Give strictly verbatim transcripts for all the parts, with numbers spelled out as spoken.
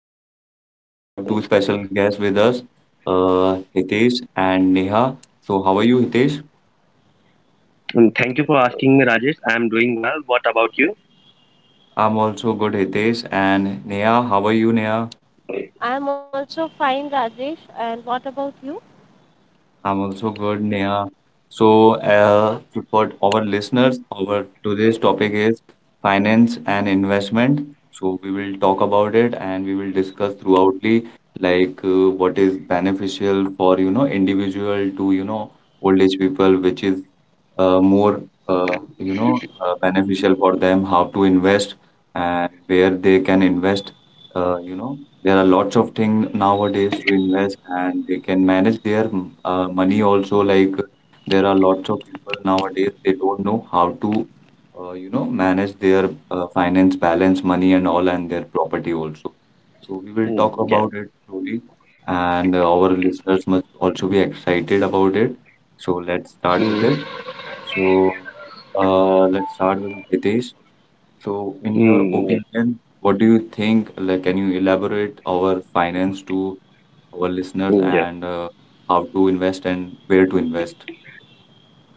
And today we have two special guests with us, uh, Hitesh and Neha. So, how are you, Hitesh? Mm, Thank you for asking me, Rajesh. I'm doing well. What about you? I'm also good, Hitesh. And Neha, how are you, Neha? I'm also good, Neha. So, uh, to, for our listeners, our today's topic is finance and investment. So, we will talk about it and we will discuss throughoutly, like uh, what is beneficial for you know individual to you know old age people, which is uh, more uh, you know uh, beneficial for them, how to invest and where they can invest, uh, you know there are lots of things nowadays to invest, and they can manage their mm, uh, money also. Like there are lots of people nowadays they don't know how to, uh, you know, manage their uh, finance balance, money, and all, and their property also. So we will talk Mm, yeah. about it slowly, and uh, our listeners must also be excited about it. So let's start with Mm, it. So uh, let's start with Hitesh. So, in your mm, yeah. opinion, what do you think? Like, can you elaborate our finance to our listeners, Mm, and yeah. uh, how to invest and where to invest?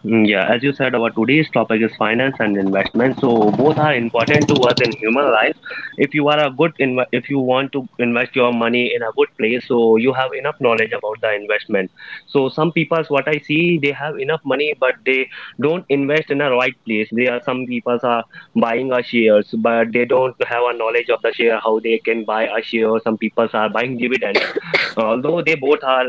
Mm, yeah, as you said, our today's topic is finance and investment. So both are important to us in human life. If you are a good inv- if you want to invest your money in a good place, so you have enough knowledge about the investment. So some people, what I see, they have enough money, but they don't invest in a right place. They are some people are buying a shares, but they don't have a knowledge of the share how they can buy a share. Some people are buying dividends, although they both are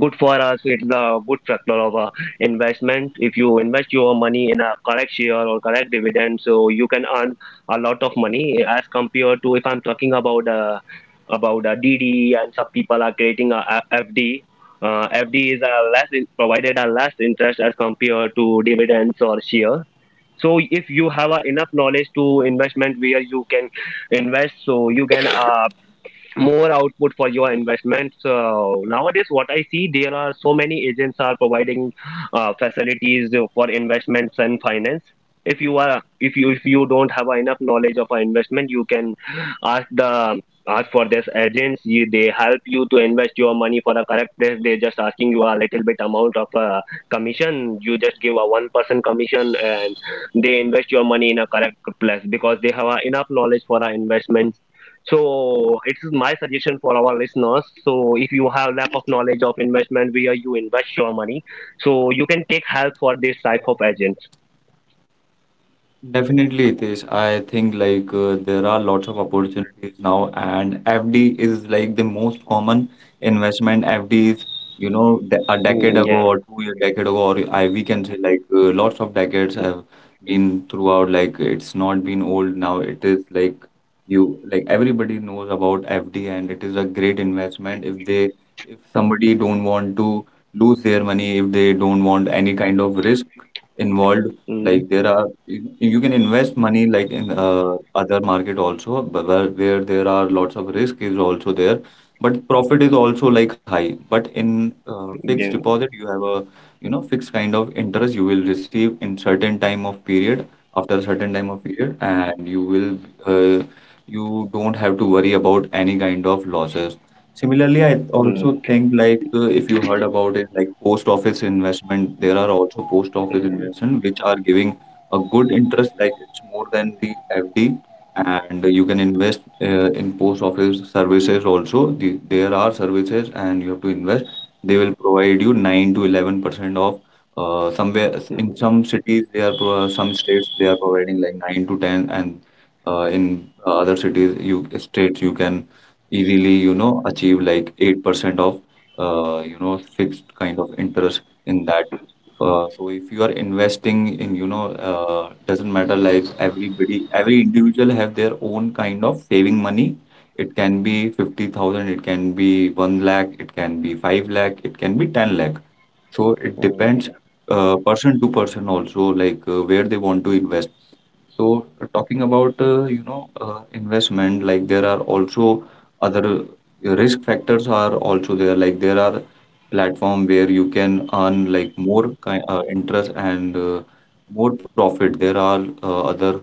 good for us. It's the good factor of uh, investment. If you invest your money in a correct share or correct dividend, so you can earn a lot of money as compared to if I'm talking about uh, about uh, D D and some people are creating a F D. Uh, F D is a less in, provided a less interest as compared to dividends or share. So if you have uh, enough knowledge to investment where you can invest, so you can uh, more output for your investment. So nowadays, what I see, there are so many agents are providing uh, facilities for investments and finance. If you are, if you if you don't have enough knowledge of an investment, you can ask the ask for this agents. You, they help you to invest your money for a correct place. They just asking you a little bit amount of uh, commission. You just give a one percent commission, and they invest your money in a correct place because they have uh, enough knowledge for our investments. So it's my suggestion for our listeners. So if you have lack of knowledge of investment where you invest your money, so you can take help for this type of agent. Definitely, it is. I think like uh, there are lots of opportunities now, and F D is like the most common investment. F D is, you know, de a decade Mm, ago yeah. or two year decade ago, or I we can say like uh, lots of decades have been throughout. Like it's not been old now. It is like you like everybody knows about F D, and it is a great investment, if they if somebody don't want to lose their money, if they don't want any kind of risk involved. Mm, Like there are you, you can invest money like in uh, other market also, but where, where there are lots of risk is also there, but profit is also like high, but in uh, fixed yeah. deposit you have a you know fixed kind of interest you will receive in certain time of period after a certain time of period, and you will uh, you don't have to worry about any kind of losses. Similarly, I also think like uh, if you heard about it, like post office investment, there are also post office investment which are giving a good interest, like it's more than the F D, and you can invest uh, in post office services also. The, there are services, and you have to invest. They will provide you nine to eleven percent of uh, somewhere. In some cities, they are pro some states they are providing like nine to ten, and uh, in uh, other cities, you states you can easily, you know, achieve like eight percent of uh, you know, fixed kind of interest in that. Uh, so if you are investing in, you know, uh, doesn't matter, like everybody, every individual have their own kind of saving money. It can be fifty thousand, it can be one lakh, it can be five lakh, it can be ten lakh. So it depends uh, person to person also, like uh, where they want to invest. So uh, talking about uh, you know uh, investment, like there are also other uh, risk factors are also there. Like there are platform where you can earn like more kind uh, interest and uh, more profit. There are uh, other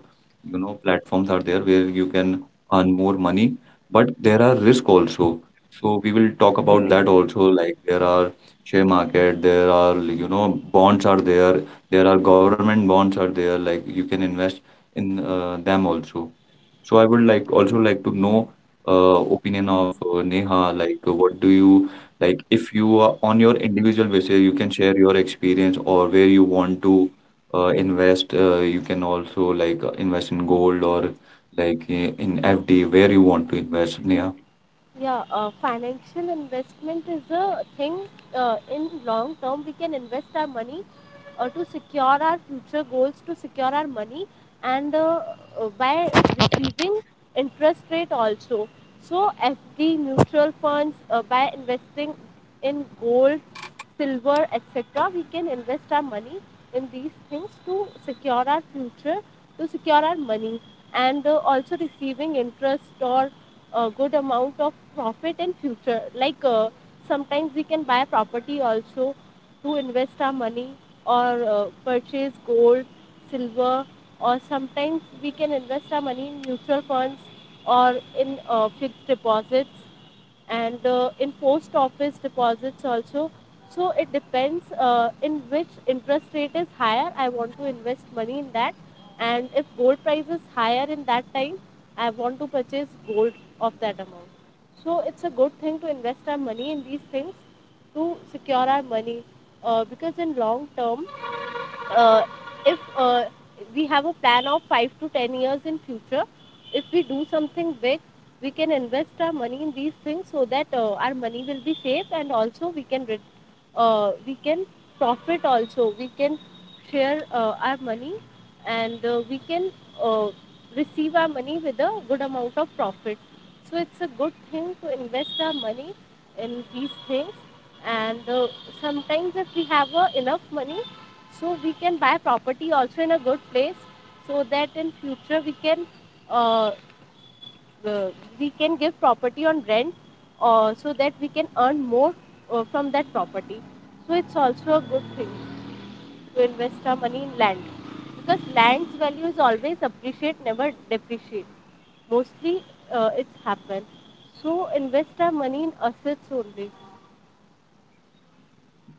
you know platforms are there where you can earn more money, but there are risk also. So we will talk about that also. Like there are share market, there are you know bonds are there, there are government bonds are there, like you can invest in uh, them also. So I would like also like to know uh, opinion of uh, Neha, like uh, what do you like. If you are on your individual basis, you can share your experience, or where you want to uh, invest. Uh, you can also like uh, invest in gold, or like uh, in F D. Where you want to invest, Neha?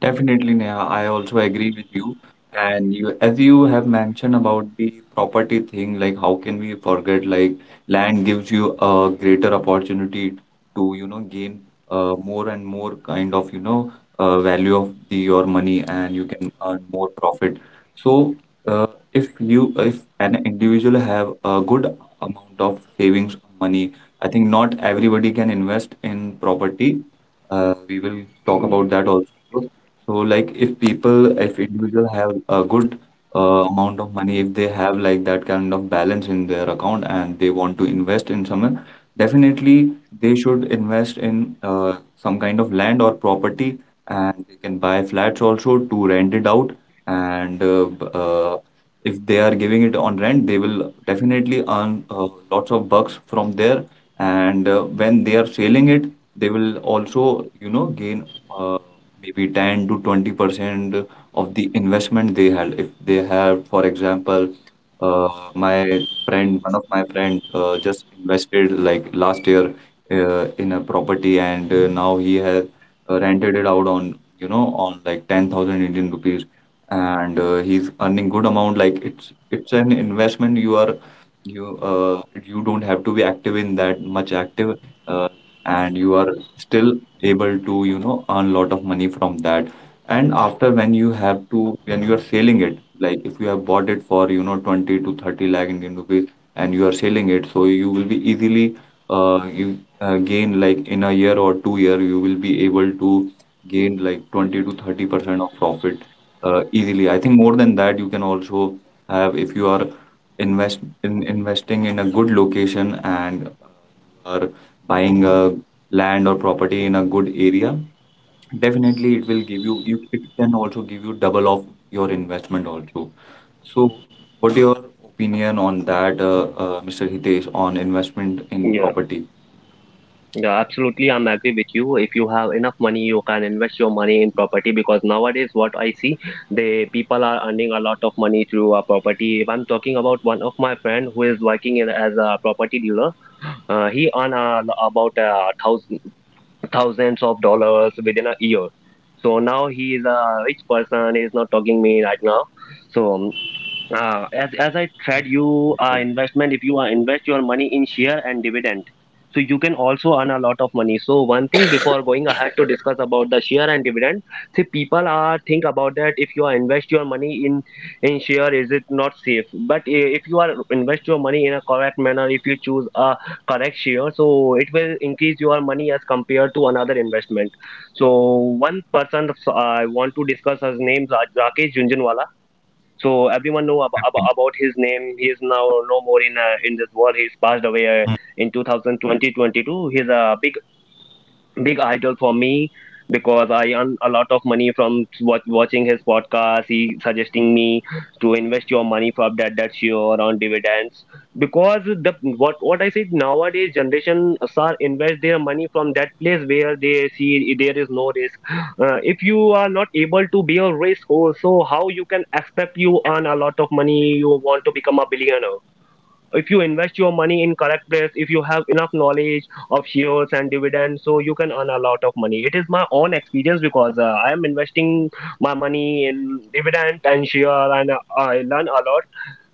Definitely, Neha, I also agree with you. And you, as you have mentioned about the property thing, like how can we forget, like land gives you a greater opportunity to, you know, gain uh, more and more kind of, you know, uh, value of the your money, and you can earn more profit. So uh, if you if an individual have a good amount of savings money, I think not everybody can invest in property. Uh, we will talk about that also. So like if people, if individual have a good uh, amount of money, if they have like that kind of balance in their account and they want to invest in somewhere, definitely they should invest in uh, some kind of land or property, and they can buy flats also to rent it out. And uh, b- uh, if they are giving it on rent, they will definitely earn uh, lots of bucks from there. And uh, when they are selling it, they will also, you know, gain uh, maybe ten to twenty percent of the investment they had. If they have, for example, uh, my friend, one of my friend, uh, just invested like last year uh, in a property, and uh, now he has uh, rented it out on, you know, on like ten thousand Indian rupees, and uh, he's earning good amount. Like it's it's an investment. You are you uh You don't have to be active in that much active, uh, and you are still able to you know earn lot of money from that, and after when you have to when you are selling it, like if you have bought it for you know twenty to thirty lakh Indian rupees and you are selling it so you will be easily, uh, you, uh, gain, like in a year or two year you will be able to gain like twenty to thirty percent of profit uh, easily. I think more than that you can also have, if you are invest in investing in a good location, and uh, you are buying a land or property in a good area, definitely it will give you, you it can also give you double of your investment also. So, what your opinion on that, uh, uh, Mister Hitesh, on investment in Yeah, property? yeah, absolutely. I'm agree with you. If you have enough money, you can invest your money in property because nowadays what I see, the people are earning a lot of money through a property. If I'm talking about one of my friend who is working in, as a property dealer, uh, he earn uh, about uh, thousand, thousands of dollars within a year. So now he is a rich person. He is not talking me right now. So uh, as as I said, you uh, Okay. investment. If you uh, invest your money in share and dividend, so you can also earn a lot of money. So one thing before going ahead to discuss about the share and dividend, see people are think about that. If you are invest your money in in share, is it not safe? But i- if you are invest your money in a correct manner, if you choose a correct share, so it will increase your money as compared to another investment. So one person uh, I want to discuss his name Ra- Rakesh Junjanwala, so everyone know ab about, about his name. He is now no more in uh, in this world. He's passed away uh, in two thousand twenty twenty two. twenty two. He's a big big idol for me because I earn a lot of money from wat- watching his podcast. He suggesting me to invest your money from that that sure on dividends because the what what I said, nowadays generation are invest their money from that place where they see there is no risk. Uh, if you are not able to be a risk, oh, so how you can expect you earn a lot of money? You want to become a billionaire? If you invest your money in correct place, if you have enough knowledge of shares and dividends, so you can earn a lot of money. It is my own experience because uh, I am investing my money in dividend and share, and uh, I learn a lot.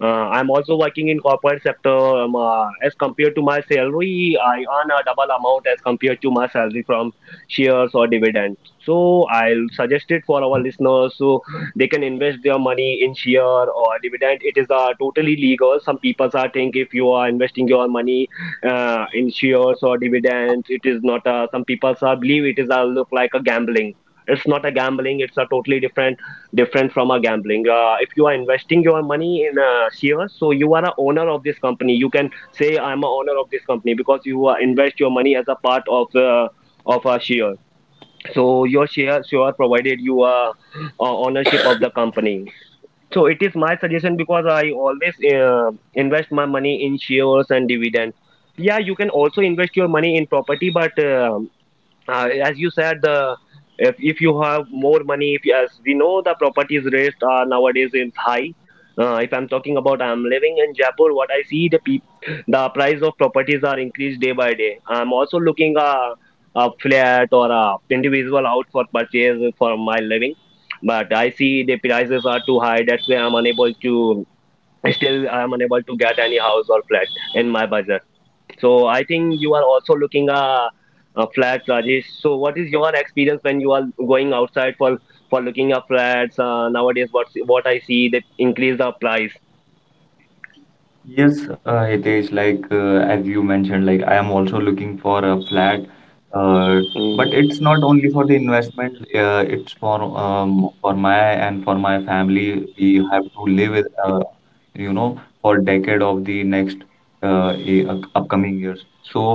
uh, I'm also working in corporate sector. Um, uh, as compared to my salary, I earn a double amount as compared to my salary from shares or dividends. So I'll suggest it for our listeners so they can invest their money in share or dividend. It is uh, totally legal. Some people are think if you are investing your money uh, in shares or dividends, it is not. Uh, some people are believe it is uh, look like a gambling. It's not a gambling. It's a totally different different from a gambling. Uh, if you are investing your money in uh, shares, so you are a owner of this company. You can say I'm a owner of this company because you uh, invest your money as a part of uh, of a share. So your share share provided you a uh, ownership of the company. So it is my suggestion because I always uh, invest my money in shares and dividends. Yeah, you can also invest your money in property, but um uh, as you said, the if, if you have more money, if you, as we know, the properties rates are nowadays is high. Uh, if I'm talking about, I'm living in Jaipur, what I see, the peop- the price of properties are increased day by day. I'm also looking a, a flat or a individual out for purchase for my living, but I see the prices are too high. That's why I'm unable to still I'm unable to get any house or flat in my budget. So I think you are also looking a, a flat, Rajesh. So what is your experience when you are going outside for for looking at flats? Uh, nowadays, what what I see, they increase the price. Yes, uh, it is like uh, as you mentioned, like I am also looking for a flat, uh, Mm, but it's not only for the investment. Uh, it's for um, for my and for my family. We have to live with, uh, you know, for decade of the next uh, e- up- upcoming years. So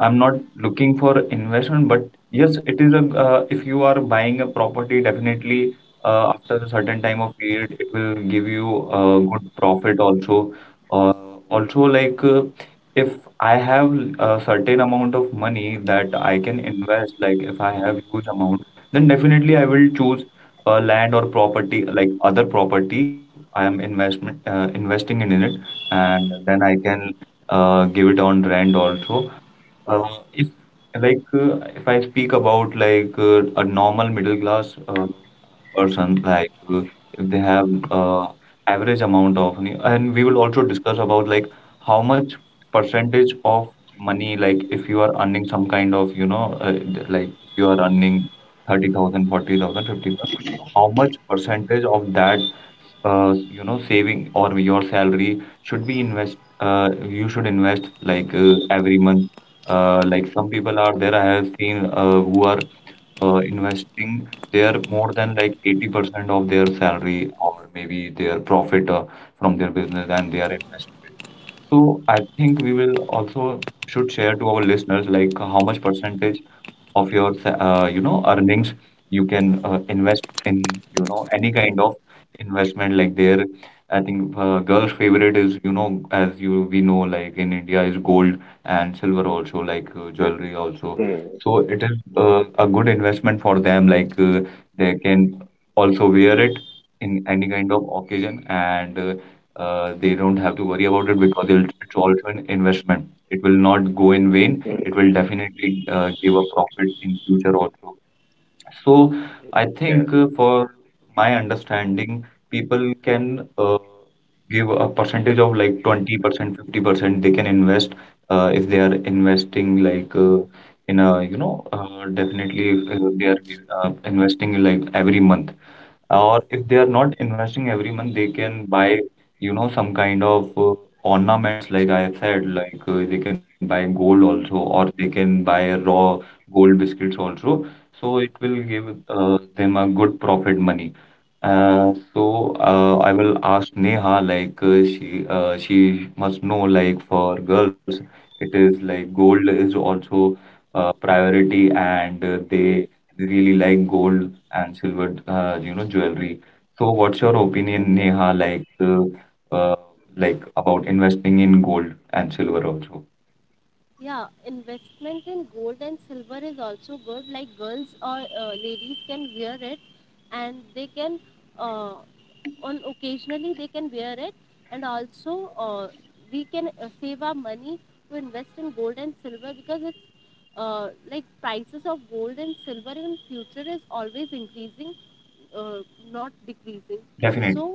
I'm not looking for investment, but yes, it is a, uh, if you are buying a property, definitely uh, after a certain time of period, it will give you a good profit also uh, also, like uh, if I have a certain amount of money that I can invest, like if I have huge amount, then definitely I will choose a land or property, like other property, if I am investment uh, investing in it, and then I can uh, give it on rent also. Uh, if Like uh, if I speak about like uh, a normal middle class uh, person, like uh, if they have uh, average amount of money, and we will also discuss about like how much percentage of money, like if you are earning some kind of you know uh, th- like if you are earning thirty thousand, forty thousand, fifty thousand, how much percentage of that uh, you know saving or your salary should be invest, uh, you should invest like uh, every month. Uh, like some people are there I have seen uh, who are uh, investing their more than like eighty percent of their salary or maybe their profit uh, from their business, and they are investing it. So I think we will also should share to our listeners like how much percentage of your sa- uh, you know earnings you can uh, invest in you know any kind of investment like there. I think uh, girls' favorite is you know as you we know, like in India is gold and silver also, like uh, jewelry also, mm, so it is uh, a good investment for them. Like uh, they can also wear it in any kind of occasion, and uh, uh, they don't have to worry about it, because it'll- it's also an investment. It will not go in vain. It will definitely uh, give a profit in future also. So mm, I yeah. think uh, for my understanding, people can uh, give a percentage of like twenty percent, fifty percent. They can invest uh, if they are investing like uh, in a, you know, uh, definitely if uh, they are uh, investing like every month. Or if they are not investing every month, they can buy you know some kind of uh, ornaments. Like I have said, like uh, they can buy gold also, or they can buy raw gold biscuits also, so it will give uh, them a good profit money. Uh, so uh, I will ask Neha, like uh, she uh, she must know, like for girls it is like gold is also uh, priority, and uh, they really like gold and silver, uh, you know, jewelry. So what's your opinion, Neha, like uh, uh, like about investing in gold and silver also? Definitely.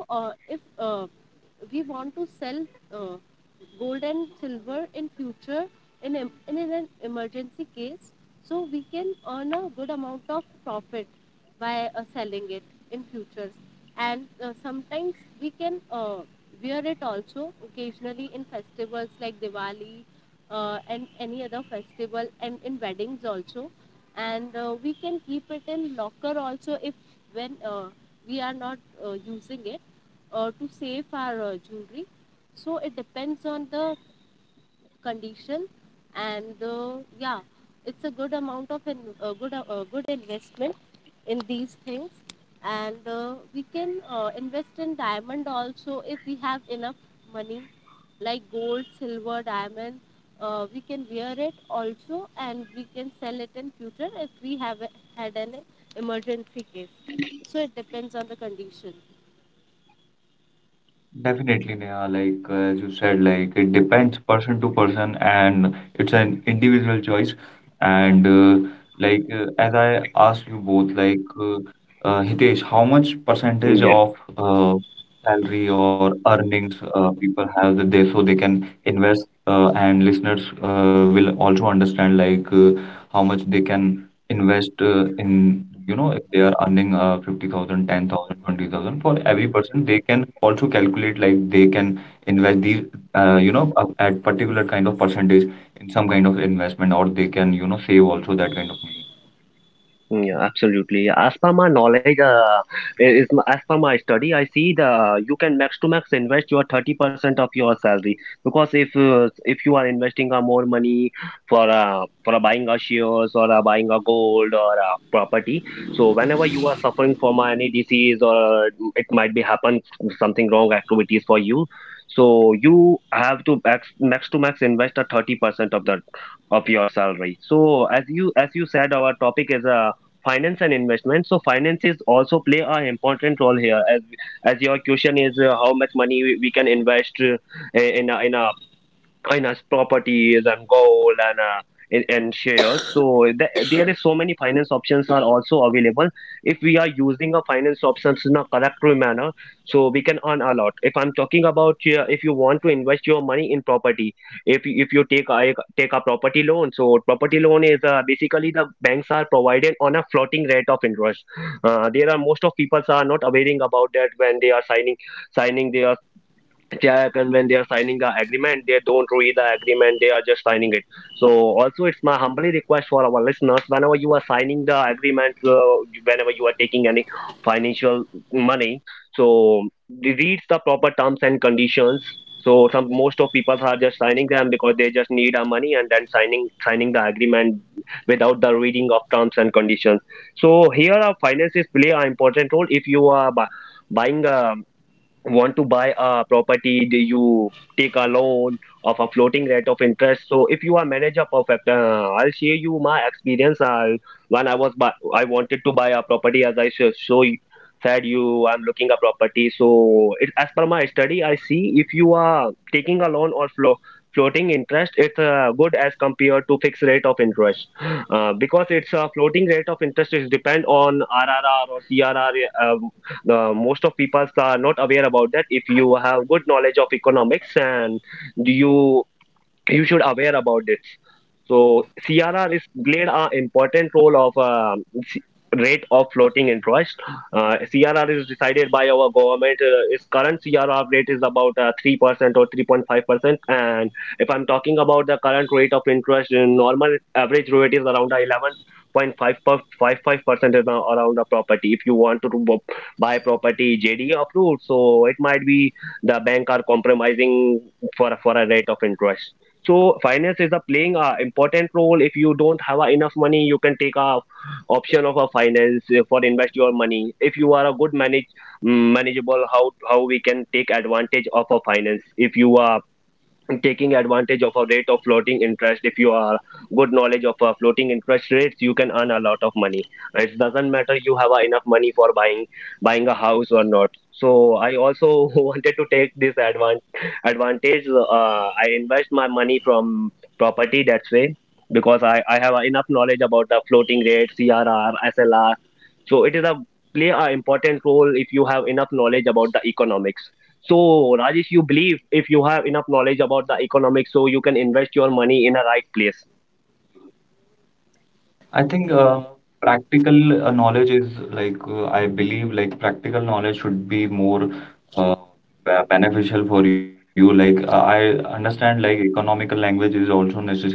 Definitely, Neha. Like uh, as you said, like it depends person to person, and it's an individual choice. And uh, like uh, as I asked you both, like uh, uh, Hitesh, how much Mm, percentage yeah. of uh, salary or earnings uh, people have that they so they can invest, uh, and listeners uh, will also understand like uh, how much they can invest uh, in you know if they are earning uh, fifty thousand ten thousand twenty thousand. For every person, they can also calculate like they can invest these uh, you know a- at particular kind of percentage in some kind of investment, or they can you know save also that kind of money. Mm, yeah, absolutely. As per my knowledge, uh, is as per my study, I see the you can max to max invest your thirty percent of your salary because if uh, if you are investing uh, more money for uh, for uh, buying a shares or uh, buying a gold or a property, so whenever you are suffering from uh, any disease or uh, it might be happen something wrong activities for you, so you have to max max to max invest a thirty percent of the of your salary. So as you as you said, our topic is uh, finance and investment, so finances also play an important role here. As as your question is uh, how much money we we can invest uh, in a, in a in as properties and gold and uh, and, and shares, so th- there is so many finance options are also available. If we are using a finance options in a correct manner, so we can earn a lot. If I'm talking about, uh, if you want to invest your money in property, if you- if you take a take a property loan, so property loan is uh, basically the banks are provided on a floating rate of interest. Uh, there are most of people are not aware about that. When they are signing signing their yeah, and when they are signing the agreement, they don't read the agreement, they are just signing it. So also it's my humbly request for our listeners, whenever you are signing the agreement, uh, whenever you are taking any financial money, so read the proper terms and conditions. So some most of people are just signing them because they just need our money and then signing signing the agreement without the reading of terms and conditions. So here our finances play an important role. If you are bu- buying a want to buy a property, do you take a loan of a floating rate of interest? So if you are manager perfect, uh, I'll share you my experience. I when I was bu- I wanted to buy a property, as I sho- show you, said you I'm looking a property. So it, as per my study, I see if you are taking a loan or flo floating interest, it's uh, good as compared to fixed rate of interest. Uh, because it's a floating rate of interest is depend on R R R or C R R. The most of people are not aware about that. If you have good knowledge of economics, and you you should aware about this. So C R R is played an important role of um, c- rate of floating interest. Uh, C R R is decided by our government. Uh, its current C R R rate is about uh, three percent or three point five percent. And if I'm talking about the current rate of interest, in normal average rate is around eleven point five five percent is now around the property. If you want to bu- buy property J D approved, so it might be the bank are compromising for for a rate of interest. So finance is a playing a important role. If you don't have a enough money, you can take a option of a finance uh, for invest your money. If you are a good manage mm, manageable, how how we can take advantage of a finance. If you are taking advantage of a rate of floating interest, if you are good knowledge of uh, floating interest rates, you can earn a lot of money. It doesn't matter you have uh, enough money for buying buying a house or not. So I also wanted to take this advan- advantage. uh, I invest my money from property, that's way, because I, I have uh, enough knowledge about the floating rates, C R R, S L R. So it is a play a important role if you have enough knowledge about the economics. So Rajesh, you believe if you have enough knowledge about the economics, so you can invest your money in a right place. I think uh, practical uh, knowledge is like uh, I believe like practical knowledge should be more uh, be- beneficial for you. Like uh, I understand like economical language is also necessary,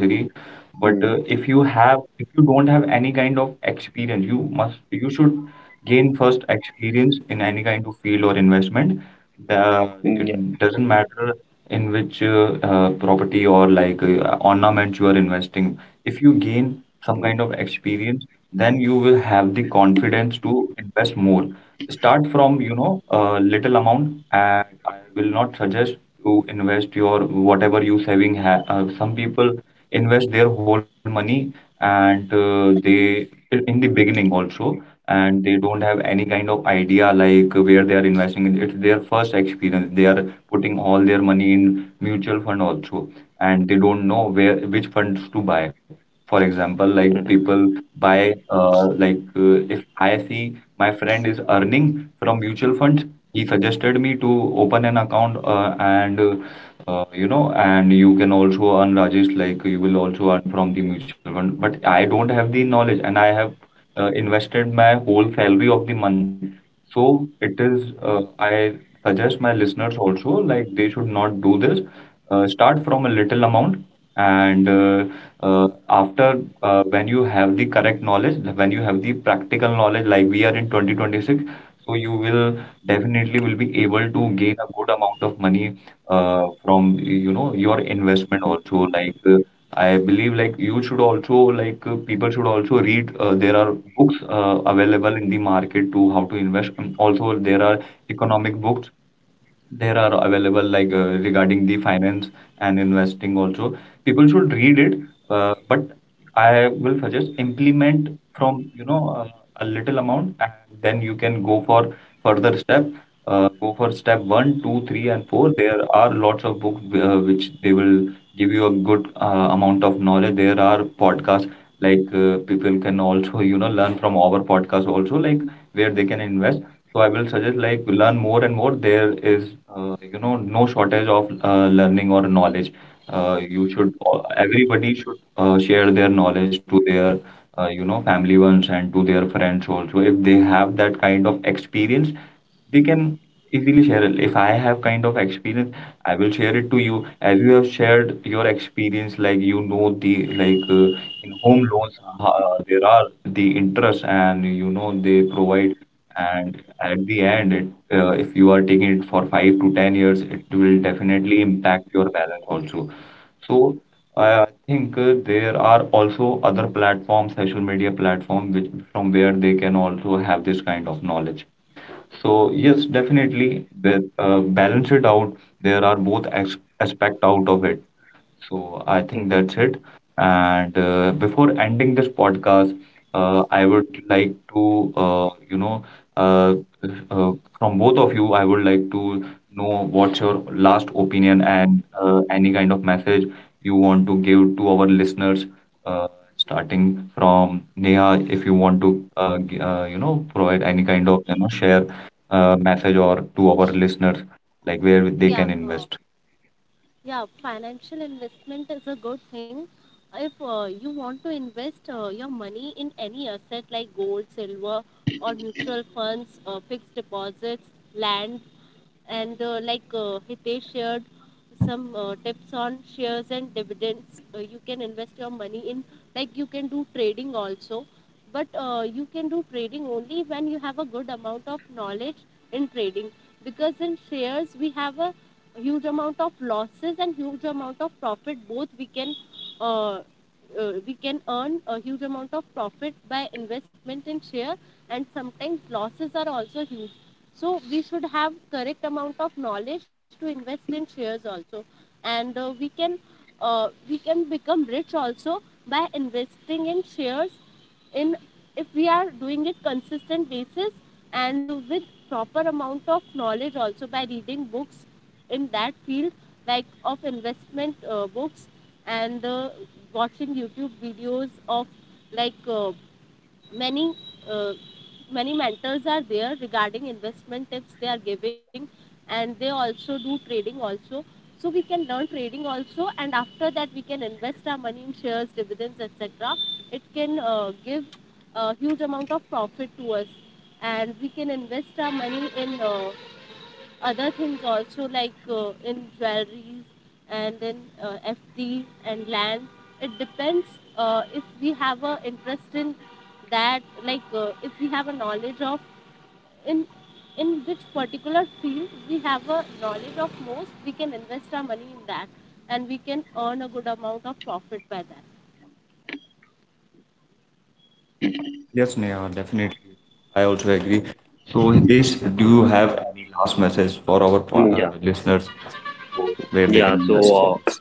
but uh, Mm. if you have if you don't have any kind of experience, you must you should gain first experience in any kind of field or investment. The, Mm, yeah. it doesn't matter in which uh, uh, property or like uh, ornaments you are investing. If you gain some Mm. kind of experience, then you will have the confidence to invest more. Start from, you know, a little amount. And I will not suggest to invest your whatever you saving ha uh, some people invest their whole money and uh, they in the beginning also, and they don't have any kind of idea like where they are investing in. It's their first experience. They are putting all their money in mutual fund also, and they don't know where which funds to buy. For example, like people Mm, buy, uh, like uh, if I see my friend is earning from mutual funds, he suggested me to open an account, uh, and uh, uh, you know, and you can also earn Rajesh, like you will also earn from the mutual fund. But I don't have the knowledge, and I have uh, invested my whole salary of the month. So it is, uh, I suggest my listeners also, like they should not do this. Uh, start from a little amount, and uh, uh, after uh, when you have the correct knowledge, when you have the practical knowledge, like we are in twenty twenty-six, so you will definitely will be able to gain a good amount of money uh, from you know your investment also. Like uh, I believe like you should also like uh, people should also read. Uh, there are books uh, available in the market to how to invest. Um, Also there are economic books there are available like uh, regarding the finance and investing also. People should read it, uh, but I will suggest implement from you know uh, a little amount, and then you can go for further step. Uh, go for step one, two, three, and four. There are lots of books uh, which they will give you a good uh, amount of knowledge. There are podcasts like uh, people can also you know learn from our podcast also, like where they can invest. So I will suggest like learn more and more. There is uh, you know no shortage of uh, learning or knowledge. Uh, you should Everybody should uh, share their knowledge to their uh, you know family ones and to their friends also. If they have that kind of experience, they can easily share it. If I have kind of experience, I will share it to you. As you have shared your experience, like you know the like uh, in home loans, uh, there are the interest, and you know they provide. And at the end, it, uh, if you are taking it for five to ten years, it will definitely impact your balance also. So I think uh, there are also other platforms, social media platform, which from where they can also have this kind of knowledge. So yes, definitely, the uh, balance it out. There are both as aspect out of it. So I think mm, that's it. And uh, before ending this podcast, uh, I would like to, uh, you know, uh, uh, from both of you, I would like to know what's your last opinion and uh, any kind of message you want to give to our listeners, uh, starting from Neha, if you want to, uh, g- uh, you know, provide any kind of, you know, share uh, message or to our listeners, like where they can invest. Yes, Neha, definitely. I also agree. So, Hitesh, do you have any last message for our po- uh, mm, listeners yeah. who- where they can invest? Yeah. So Yes. yeah.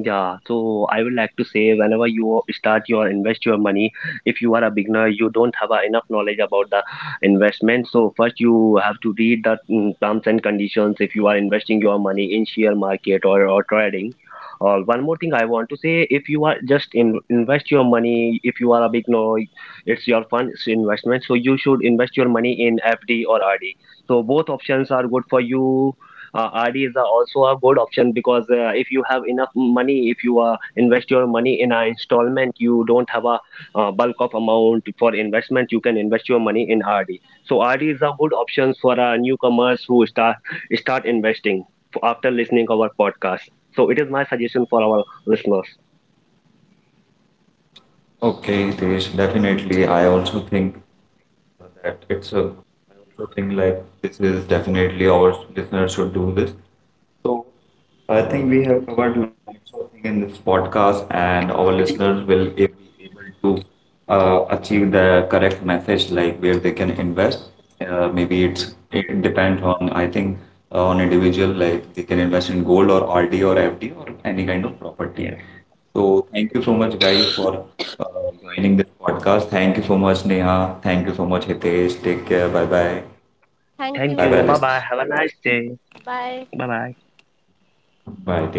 Yeah, so I would like to say whenever you start your invest your money, if you are a beginner, you don't have a enough knowledge about the investment. So first you have to read the mm, terms and conditions if you are investing your money in share market, or, or trading. Or one more thing I want to say, if you are just in, invest your money, if you are a beginner, it's your fund, it's investment. So you should invest your money in F D or R D. So both options are good for you. uh, R Ds are also a good option because uh, if you have enough money, if you uh, invest your money in an installment, you don't have a uh, bulk of amount for investment. You can invest your money in R D. So R D is a good option for uh, newcomers who start start investing after listening our podcast. So it is my suggestion for our listeners. Okay, Hitesh, definitely. I also think that it's a, I also think like this is definitely our listeners should do this. So I think we have covered lots of things in this podcast, and our listeners will a- be able to uh, achieve the correct message, like where they can invest. Uh, maybe it's it depends on I think uh, on individual, like they can invest in gold or R D or F D or any kind of property. Yeah. So thank you so much, guys, for uh, joining this podcast. Thank you so much, Neha. Thank you so much, Hitesh. Take care. Bye bye. Bye Thank bye, you. Bye listeners. bye. Have a nice day. Bye bye. Bye. Take care.